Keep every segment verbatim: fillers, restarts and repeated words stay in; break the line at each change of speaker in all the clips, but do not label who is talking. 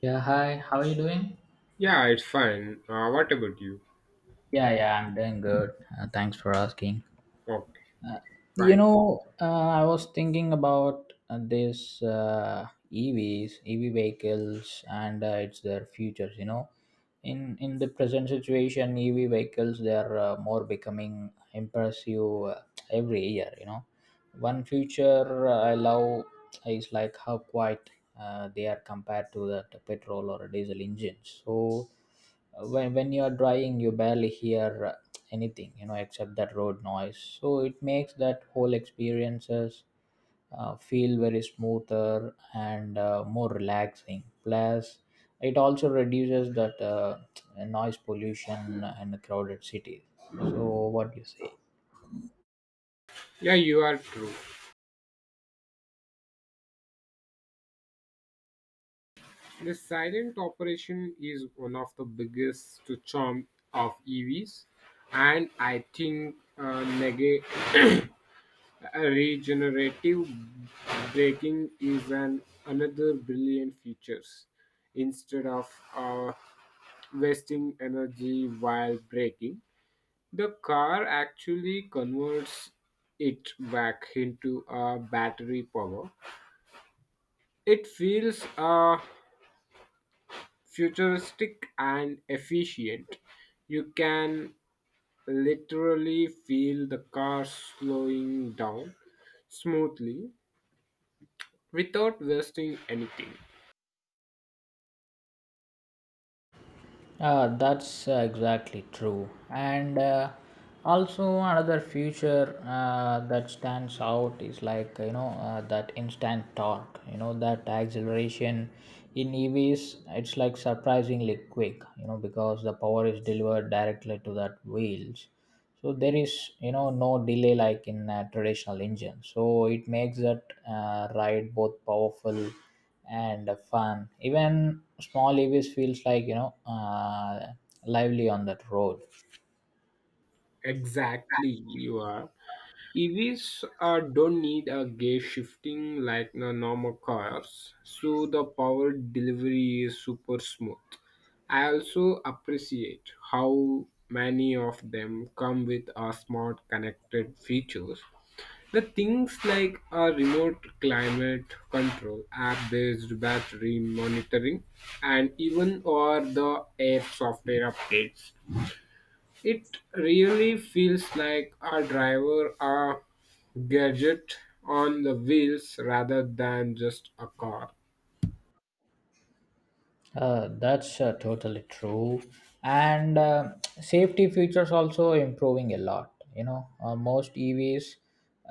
Yeah, hi. How are you doing?
Yeah, it's fine. Uh, what about you?
Yeah, yeah, I'm doing good. Uh, thanks for asking.
Okay,
You
fine.
know, uh, I was thinking about uh, this uh, E Vs, E V vehicles, and uh, it's their futures. You know, in in the present situation, E V vehicles they are uh, more becoming impressive uh, every year. You know, one future uh, I love is like how quiet uh, they are compared to that petrol or diesel engines. So Uh, when, when you're driving you barely hear uh, anything you know except that road noise, so it makes that whole experiences uh, feel very smoother and uh, more relaxing, plus it also reduces that uh, noise pollution in a crowded city. So what do you say?
Yeah, you are true. The silent operation is one of the biggest charm of E Vs, and I think uh, neg- regenerative braking is an another brilliant features. Instead of uh, wasting energy while braking, the car actually converts it back into a battery power. It feels uh, futuristic and efficient. You can literally feel the car slowing down smoothly without wasting anything.
Uh, that's uh, exactly true. And uh, also, another feature uh, that stands out is like, you know, uh, that instant torque, you know, that acceleration in E Vs, it's like surprisingly quick, you know, because the power is delivered directly to that wheels, so there is you know no delay like in a traditional engine, so it makes that uh, ride both powerful and fun. Even small EVs feels like you know uh, lively on that road.
Exactly, you are. E Vs uh, don't need a gear shifting like the normal cars, so the power delivery is super smooth. I also appreciate how many of them come with a smart connected features. The things like a remote climate control, app-based battery monitoring, and even or the air software updates, it really feels like a driver, a gadget on the wheels rather than just a car.
Uh, that's uh, totally true. And uh, safety features also improving a lot. You know, uh, most E Vs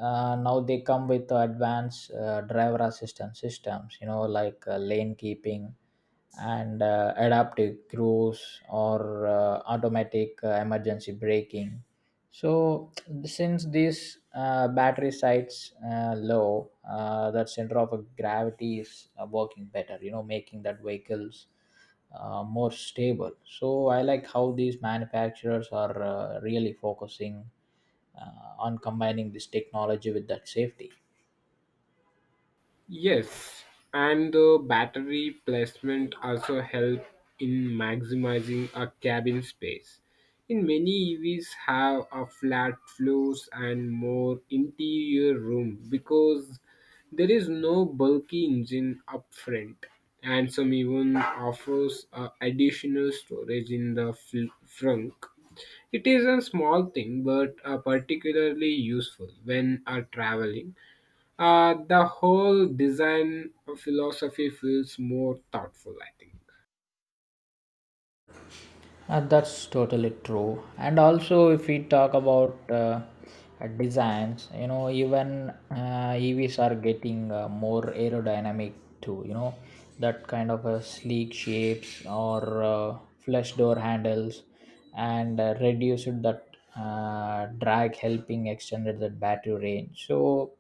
uh, now they come with advanced uh, driver assistance systems. You know, like uh, lane keeping and uh, adaptive cruise or uh, automatic uh, emergency braking. So since these uh, battery sites uh, low, uh, that center of gravity is uh, working better, you know, making that vehicles uh, more stable. So I like how these manufacturers are uh, really focusing uh, on combining this technology with that safety.
Yes, and the battery placement also help in maximizing a cabin space. In many E Vs have a flat floors and more interior room because there is no bulky engine up front, and some even offers uh, additional storage in the fl- trunk. It is a small thing but uh, particularly useful when uh, traveling. Uh, the whole design philosophy feels more thoughtful, I think.
Uh, that's totally true. And also, if we talk about uh, uh, designs, you know, even uh, E Vs are getting uh, more aerodynamic too. You know, that kind of uh, sleek shapes or uh, flush door handles, and uh, reduced that uh, drag, helping extended that battery range. So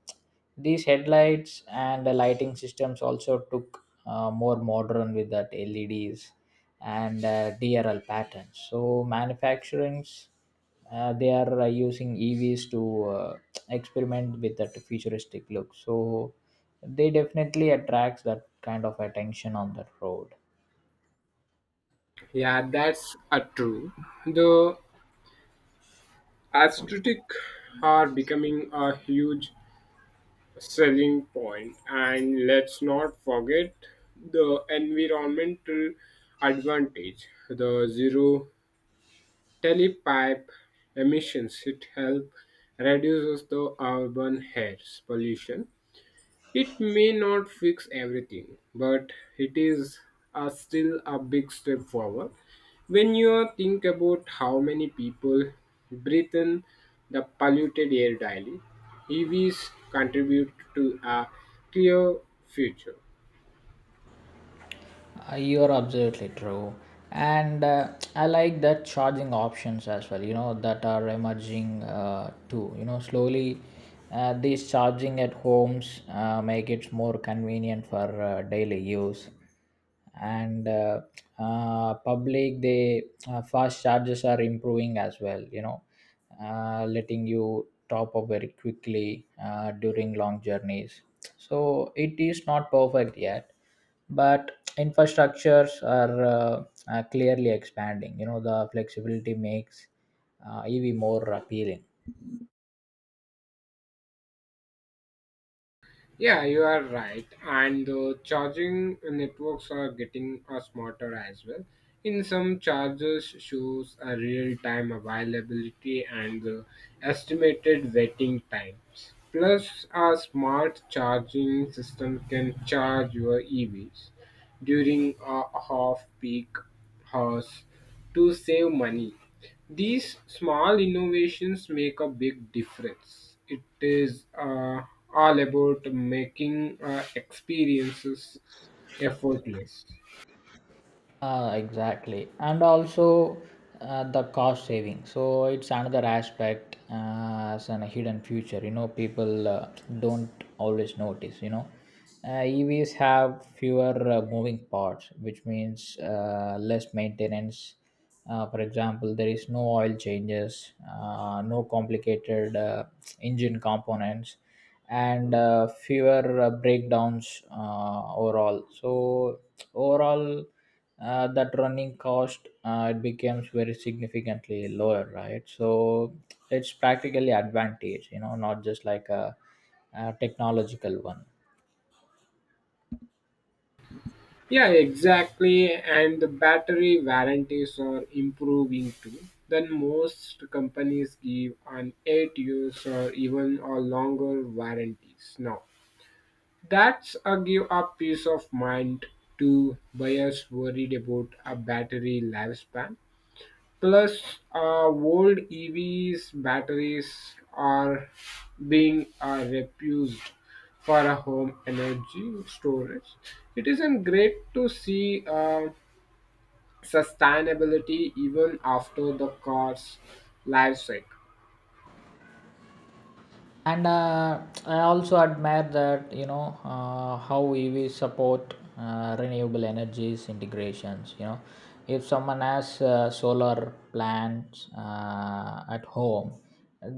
these headlights and the lighting systems also took uh, more modern with that L E Ds and uh, D R L patterns. So manufacturings uh, they are uh, using E Vs to uh, experiment with that futuristic look. So they definitely attracts that kind of attention on the road.
Yeah, that's a true. The aesthetic are becoming a huge selling point, and let's not forget the environmental advantage. The zero telepipe emissions it help reduces the urban air pollution. It may not fix everything, but it is a still a big step forward. When you think about how many people breathe in the polluted air daily, E Vs contribute to a clear future.
Uh, You're absolutely true. And uh, I like that charging options as well, you know, that are emerging uh, too. You know, slowly uh, these charging at homes uh, make it more convenient for uh, daily use. And uh, uh, public, the uh, fast charges are improving as well, you know, uh, letting you top up very quickly uh, during long journeys. So it is not perfect yet, but infrastructures are, uh, are clearly expanding. You know, the flexibility makes uh, E V more appealing.
Yeah, you are right. And the charging networks are getting uh, smarter as well. In some chargers shows a real-time availability and the estimated waiting times. Plus, a smart charging system can charge your E Vs during a half-peak hours to save money. These small innovations make a big difference. It is uh, all about making uh, experiences effortless.
Uh, exactly, and also uh, the cost saving. So it's another aspect uh, as a hidden future. You know, people uh, don't always notice. You know, uh, E Vs have fewer uh, moving parts, which means uh, less maintenance. Uh, for example, there is no oil changes, uh, no complicated uh, engine components, and uh, fewer uh, breakdowns uh, overall. So overall uh, that running cost, uh, it becomes very significantly lower, right? So it's practically advantage, you know, not just like a, a technological one.
Yeah, exactly. And the battery warranties are improving too. Then most companies give an eight years or even a longer warranties now. That's a give up peace of mind to buyers worried about a battery lifespan. Plus, uh, old E Vs batteries are being uh, repurposed for a home energy storage. It isn't great to see uh, sustainability even after the car's life cycle.
And uh, I also admire that, you know, uh, how E V support uh, renewable energies integrations. You know, if someone has uh, solar plants uh, at home,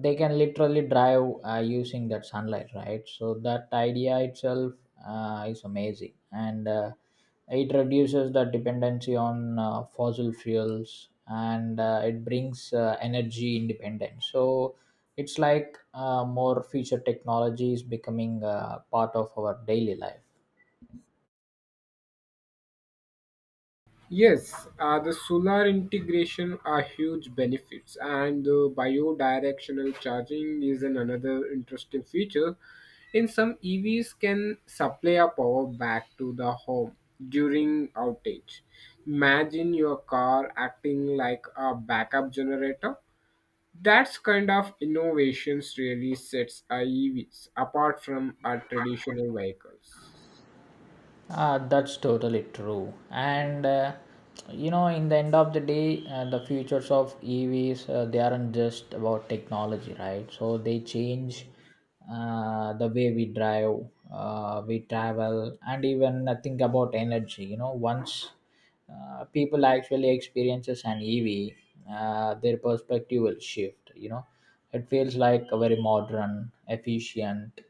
they can literally drive uh, using that sunlight, right? So that idea itself uh, is amazing, and uh, it reduces the dependency on uh, fossil fuels and uh, it brings uh, energy independence. So it's like uh, more future technology is becoming uh, part of our daily life.
Yes, uh, the solar integration are huge benefits, and the biodirectional charging is an another interesting feature. In some E Vs, can supply a power back to the home during outage. Imagine your car acting like a backup generator. That's kind of innovations really sets our E Vs apart from our traditional vehicles.
Uh, that's totally true. And uh, you know, in the end of the day, uh, the futures of E Vs uh, they aren't just about technology, right? So they change uh, the way we drive, uh, we travel, and even uh, think about energy. You know, once uh, people actually experiences an E V, uh, their perspective will shift. You know, it feels like a very modern, efficient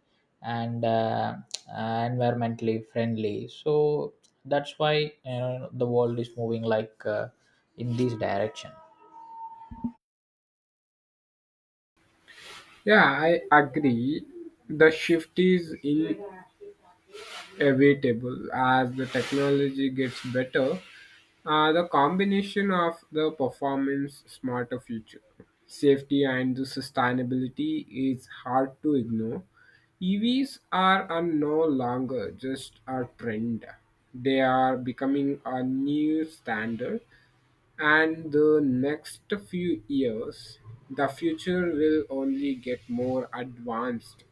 and uh, uh, environmentally friendly. So that's why, you know, the world is moving like uh, in this direction.
Yeah, I agree. The shift is in Evitable as the technology gets better. Uh, the combination of the performance, smarter future, safety, and the sustainability is hard to ignore. E Vs are uh, no longer just a trend; they are becoming a new standard. And the next few years, the future will only get more advanced.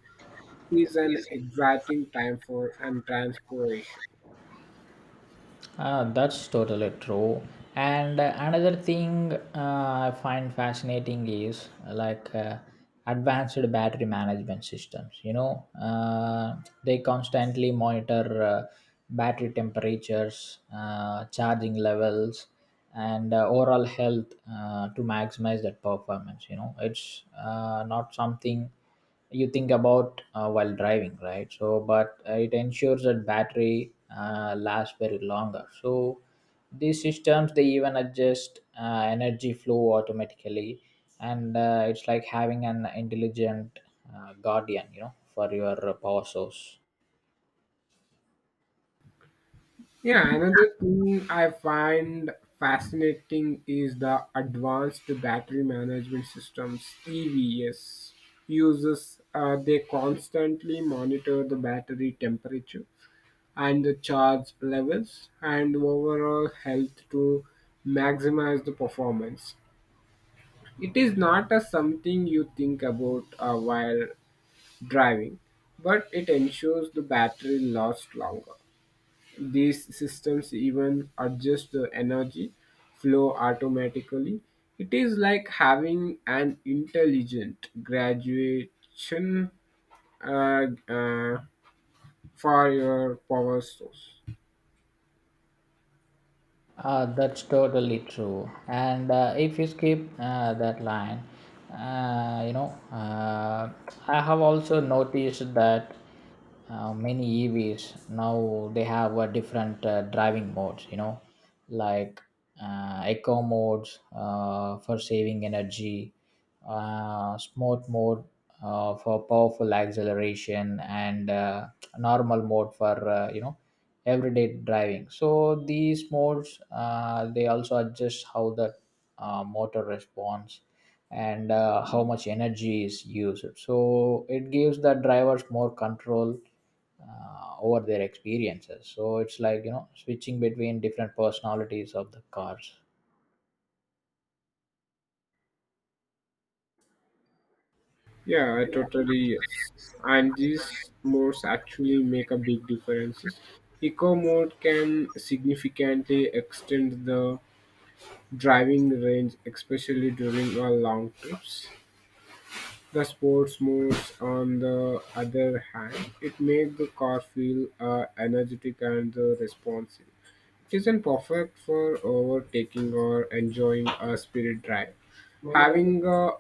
It is an exciting time for and transportation.
Uh, that's totally true. And uh, another thing uh, I find fascinating is uh, like uh, advanced battery management systems. You know, uh, they constantly monitor uh, battery temperatures, uh, charging levels, and uh, overall health uh, to maximize that performance. You know, it's uh, not something you think about uh, while driving, right? So but uh, it ensures that battery uh, lasts very longer. So these systems they even adjust uh, energy flow automatically, and uh, it's like having an intelligent uh, guardian, you know, for your power source.
Yeah, another thing I find fascinating is the advanced battery management systems (E V S) uses. Uh, they constantly monitor the battery temperature and the charge levels and overall health to maximize the performance. It is not a something you think about uh, while driving, but it ensures the battery lasts longer. These systems even adjust the energy flow automatically. It is like having an intelligent graduation uh, uh, for your power source.
Uh, that's totally true. And uh, if you skip uh, that line, uh, you know, uh, I have also noticed that uh, many E Vs now they have a different uh, driving modes. You know, like uh, eco modes uh, for saving energy, uh, smart mode uh, for powerful acceleration, and uh, normal mode for uh, you know everyday driving. So these modes uh, they also adjust how the uh, motor responds and uh, how much energy is used, so it gives the drivers more control uh, over their experiences. So it's like, you know, switching between different personalities of the cars.
Yeah, totally yes. And these modes actually make a big differences. Eco mode can significantly extend the driving range, especially during our long trips. The sports modes, on the other hand, it made the car feel uh, energetic and uh, responsive, which isn't perfect for overtaking or enjoying a spirit drive. Having uh,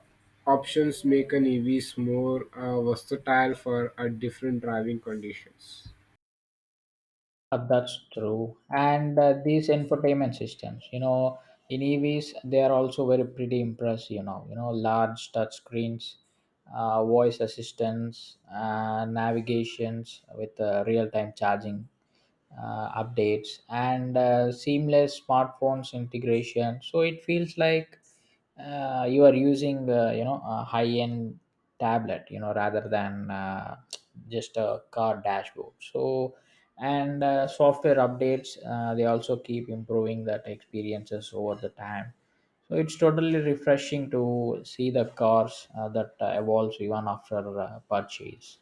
options make an E Vs more uh, versatile for uh, different driving conditions.
Uh, that's true. And uh, these infotainment systems, you know, in E Vs, they are also very pretty impressive. You know, you know, large touch screens, uh, voice assistants, uh, navigations with uh, real-time charging uh, updates, and uh, seamless smartphones integration. So it feels like uh, you are using, uh, you know, a high end tablet, you know, rather than uh, just a car dashboard. So and uh, software updates uh, they also keep improving that experiences over the time, so it's totally refreshing to see the cars uh, that uh, evolves even after uh, purchase.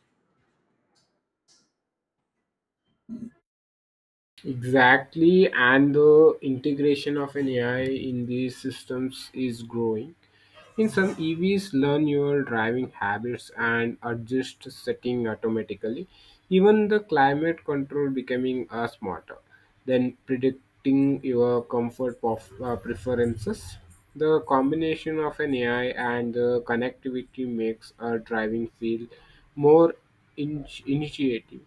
Exactly, and the integration of an A I in these systems is growing. In some E Vs, learn your driving habits and adjust setting automatically. Even the climate control becoming uh, smarter, then predicting your comfort of, uh, preferences. The combination of an A I and the connectivity makes our driving feel more in- initiative.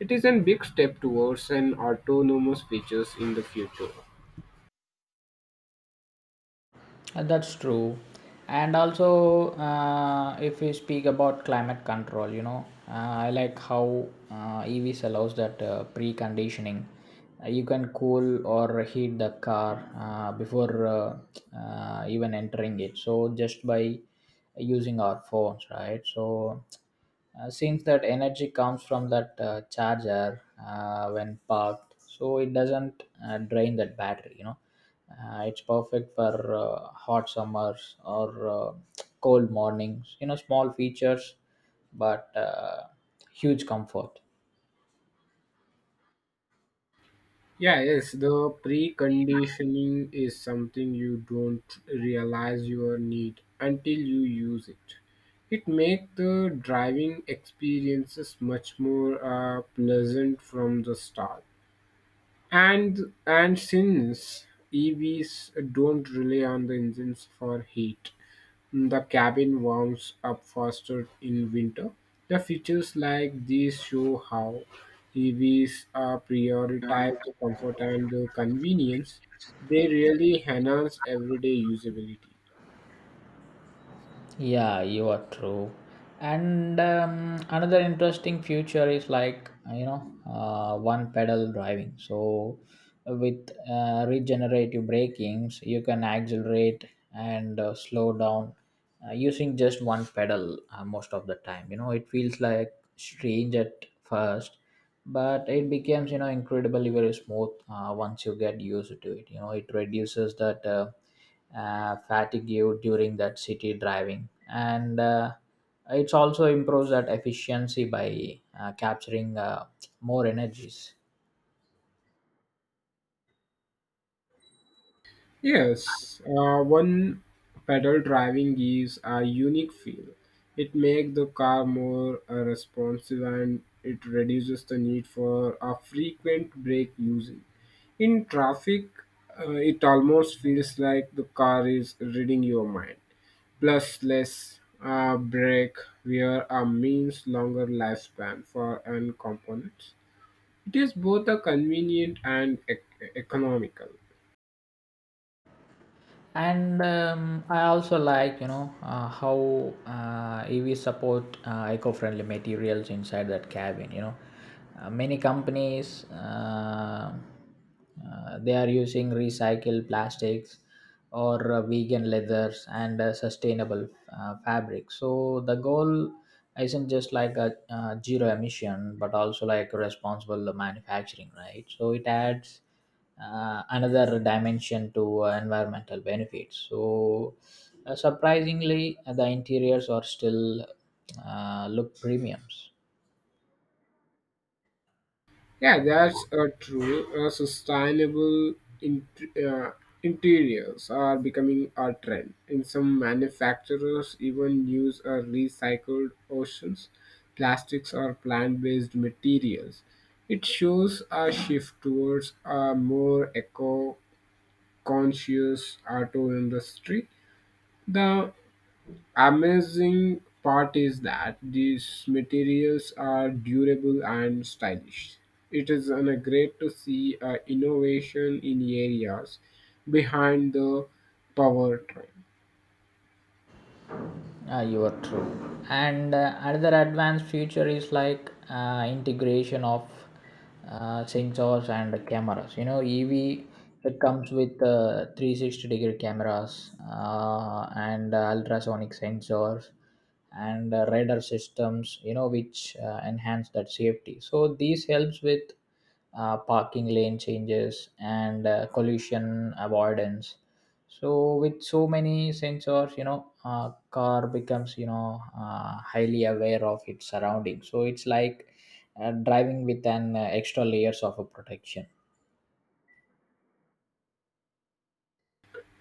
It is a big step towards an autonomous features in the future.
Uh, That's true. And also, uh, if we speak about climate control, you know, uh, I like how uh, E Vs allows that uh, preconditioning. Uh, you can cool or heat the car uh, before uh, uh, even entering it, so just by using our phones, right? So uh, since that energy comes from that uh, charger uh, when parked, so it doesn't uh, drain that battery. You know, uh, it's perfect for uh, hot summers or uh, cold mornings. You know, small features, but uh, huge comfort.
Yeah, yes, the preconditioning is something you don't realize your need until you use it. It makes the driving experiences much more uh, pleasant from the start. And and since E Vs don't rely on the engines for heat, the cabin warms up faster in winter. The features like these show how E Vs uh, prioritize the comfort and the convenience. They really enhance everyday usability.
Yeah, you are true. And um, another interesting future is like you know uh, one pedal driving. So with uh, regenerative brakings, you can accelerate and uh, slow down uh, using just one pedal uh, most of the time. You know it feels like strange at first, but it becomes you know incredibly very smooth uh, once you get used to it. You know it reduces that. Uh, uh, fatigue during that city driving, and uh, it's also improves that efficiency by uh, capturing uh, more energies.
Yes, uh, one pedal driving gives a unique feel. It makes the car more uh, responsive, and it reduces the need for a frequent brake using. In traffic, uh, it almost feels like the car is reading your mind. Plus, less uh, brake wear uh, means longer lifespan for end components. It is both a convenient and ec- economical.
And um, I also like, you know, uh, how uh, EV support uh, eco-friendly materials inside that cabin. You know, uh, many companies, uh, uh, they are using recycled plastics or uh, vegan leathers and uh, sustainable uh, fabrics. So the goal isn't just like a uh, zero emission but also like responsible manufacturing, right? So it adds uh, another dimension to uh, environmental benefits. So, uh, surprisingly, uh, the interiors are still uh, look premiums.
Yeah, that's uh, true. Uh, sustainable inter- uh, interiors are becoming a trend. In some manufacturers even use uh, recycled oceans, plastics, or plant-based materials. It shows a shift towards a more eco-conscious auto industry. The Amazing part is that these materials are durable and stylish. It is an, uh, great to see uh, innovation in areas behind the powertrain.
Uh, you are true. And uh, another advanced feature is like uh, integration of uh, sensors and cameras. You know, E V it comes with uh, three sixty degree cameras uh, and uh, ultrasonic sensors and uh, radar systems, you know, which uh, enhance that safety. So these helps with uh, parking lane changes and uh, collision avoidance. So with so many sensors, you know, uh, car becomes, you know, uh, highly aware of its surroundings, so it's like uh, driving with an uh, extra layers of a protection.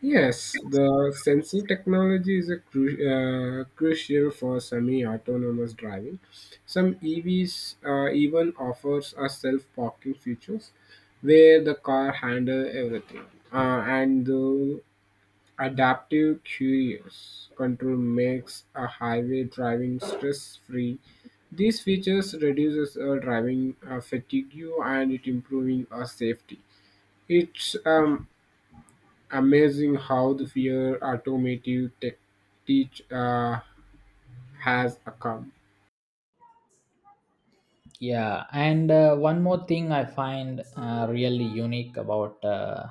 Yes, the sensing technology is a cru- uh, crucial for semi-autonomous driving. Some E Vs uh, even offers a self-parking features where the car handle everything. Uh, and the Adaptive Cruise Control makes a highway driving stress-free. These features reduces uh, driving uh, fatigue, and it improving our safety. It's um, amazing how the fear automotive tech teach uh, has come.
Yeah, and uh, one more thing I find uh, really unique about uh,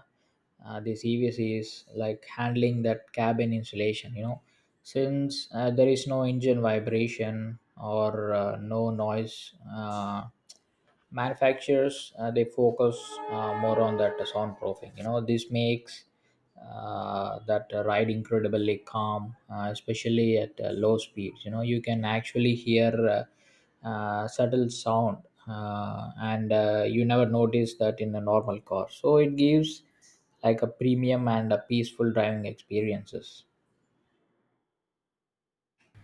uh, this E Vs is like handling that cabin insulation. You know, since uh, there is no engine vibration or uh, no noise, uh, manufacturers, uh, they focus uh, more on that soundproofing. You know, this makes uh, that uh, ride incredibly calm, uh, especially at uh, low speeds. You know, you can actually hear uh, uh, subtle sound uh, and uh, you never notice that in a normal car, so it gives like a premium and a peaceful driving experiences.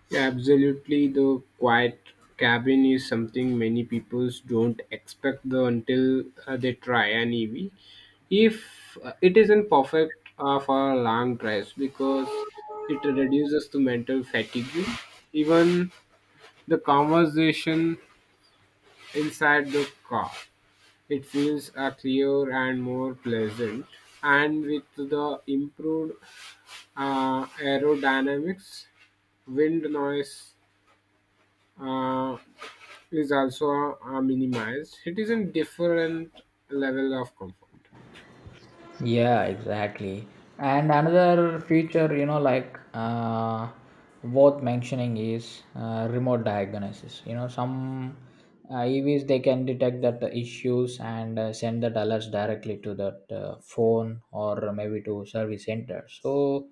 Yeah, absolutely. The quiet cabin is something many people don't expect the, until uh, they try an E V. If uh, it isn't perfect uh, for long drives because it reduces the mental fatigue, even the conversation inside the car. It feels uh, clearer and more pleasant. And with the improved uh, aerodynamics, wind noise, uh, is also uh, minimized. It is a different level of comfort.
Yeah, exactly. And another feature, you know, like uh, worth mentioning is uh, remote diagnosis. You know, some uh, E Vs they can detect that the issues and uh, send that alerts directly to that uh, phone or maybe to service center. So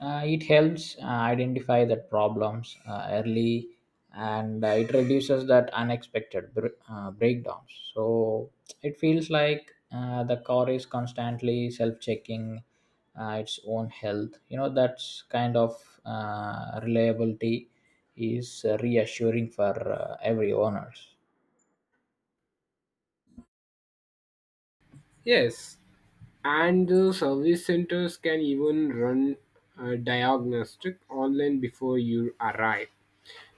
uh, it helps uh, identify the problems uh, early and uh, it reduces that unexpected br- uh, breakdowns. So it feels like uh, the car is constantly self checking uh, its own health. You know, that's kind of uh, reliability is uh, reassuring for uh, every owners.
Yes, and the service centers can even run a diagnostic online before you arrive.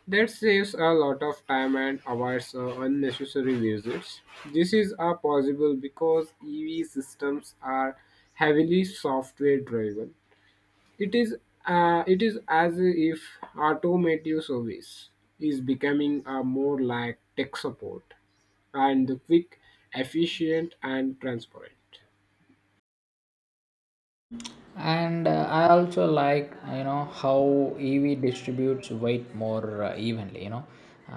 That saves a lot of time and avoids uh, unnecessary visits. This is uh, possible because E V systems are heavily software driven. It is uh, it is as if automotive service is becoming a more like tech support and quick, efficient, and transparent.
And uh, I also like, you know, how E V distributes weight more uh, evenly. You know,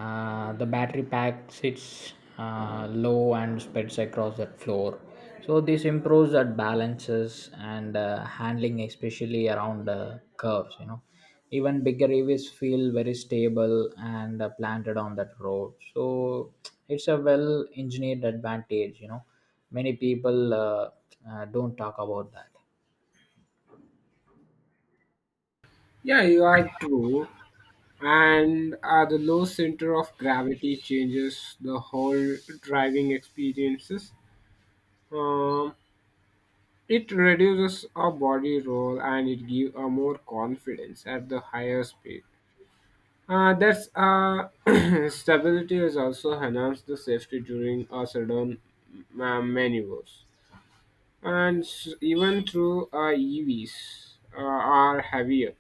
uh, the battery pack sits uh, low and spreads across that floor. So this improves that balances and uh, handling, especially around uh, curves. You know, even bigger E Vs feel very stable and uh, planted on that road, so it's a well engineered advantage, you know, many people uh, uh, don't talk about that.
Yeah, you are true. And uh, the low center of gravity changes the whole driving experiences. Um, it reduces our body roll, and it gives a more confidence at the higher speed. Uh, that's uh, stability is also enhanced the safety during uh, sudden uh, maneuvers, and s- even through uh, E Vs uh, are heavier,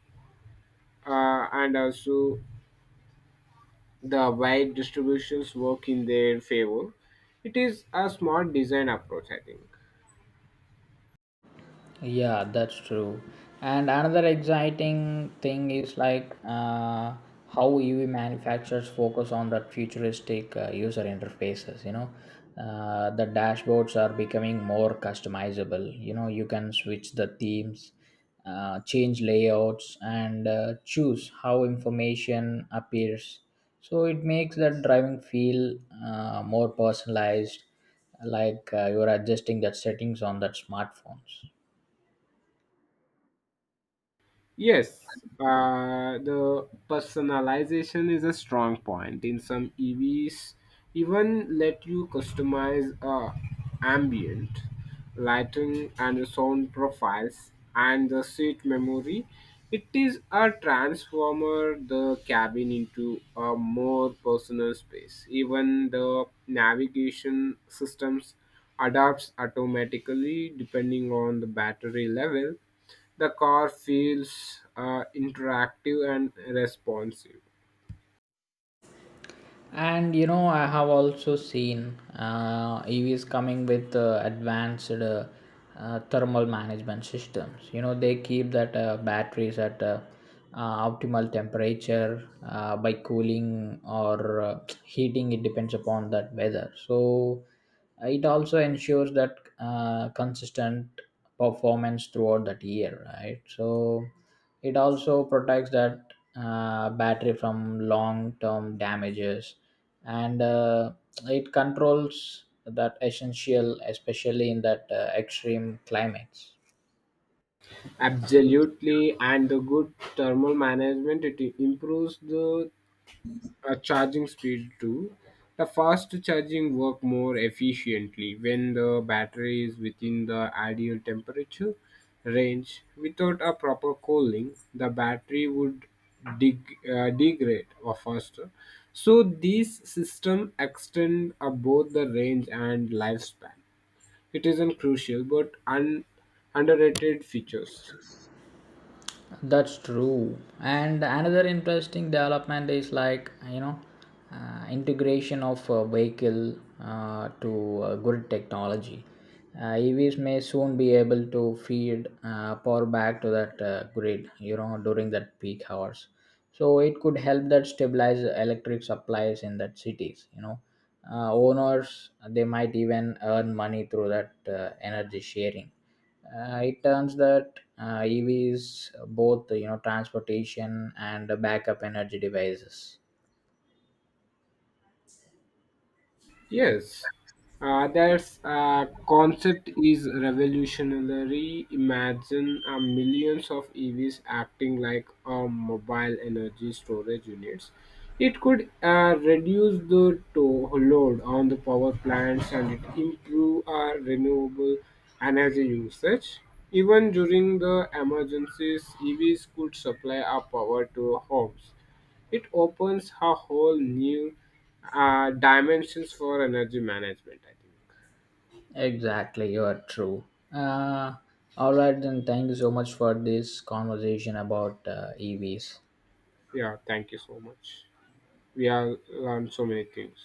uh, and also the wide distributions work in their favor. It is a smart design approach, I think.
Yeah, that's true. And another exciting thing is like uh, how E V manufacturers focus on that futuristic uh, user interfaces. You know, uh, the dashboards are becoming more customizable. You know, you can switch the themes, uh, change layouts, and uh, choose how information appears. So it makes that driving feel uh, more personalized, like uh, you're adjusting that settings on that smartphones.
Yes, uh, the personalization is a strong point. In some E Vs, even let you customize uh, ambient lighting and the sound profiles and the seat memory. It is a transformer the cabin into a more personal space. Even the navigation systems adapts automatically depending on the battery level, the car feels uh, interactive and responsive.
And you know, I have also seen uh, E Vs coming with uh, advanced uh, uh, thermal management systems. You know, they keep that uh, batteries at uh, uh, optimal temperature uh, by cooling or uh, heating. It depends upon that weather. So uh, it also ensures that uh, consistent performance throughout that year, right? So it also protects that uh, battery from long term damages and uh, it controls that essential, especially in that uh, extreme climates.
Absolutely, and the good thermal management it improves the uh, charging speed too. The fast charging work more efficiently when the battery is within the ideal temperature range. Without a proper cooling, the battery would deg- uh, degrade or faster. So these systems extend uh, both the range and lifespan. It isn't crucial, but un- underrated features.
That's true. And another interesting development is like you know uh, integration of uh, vehicle uh, to uh, grid technology. Uh, E Vs may soon be able to feed uh, power back to that uh, grid, you know, during that peak hours. So it could help that stabilize electric supplies in that cities. You know, uh, owners they might even earn money through that uh, energy sharing. Uh, it turns that uh, E Vs both, you know, transportation and backup energy devices.
Yes, uh, that's uh, concept is revolutionary. Imagine uh, millions of E Vs acting like uh, mobile energy storage units. It could uh, reduce the to- load on the power plants, and it improve our renewable energy usage. Even during the emergencies, E Vs could supply our power to homes. It opens a whole new uh, dimensions for energy management, I think.
Exactly, you are true. uh, all right then, thank you so much for this conversation about uh, E Vs.
Yeah, thank you so much. We have learned so many things.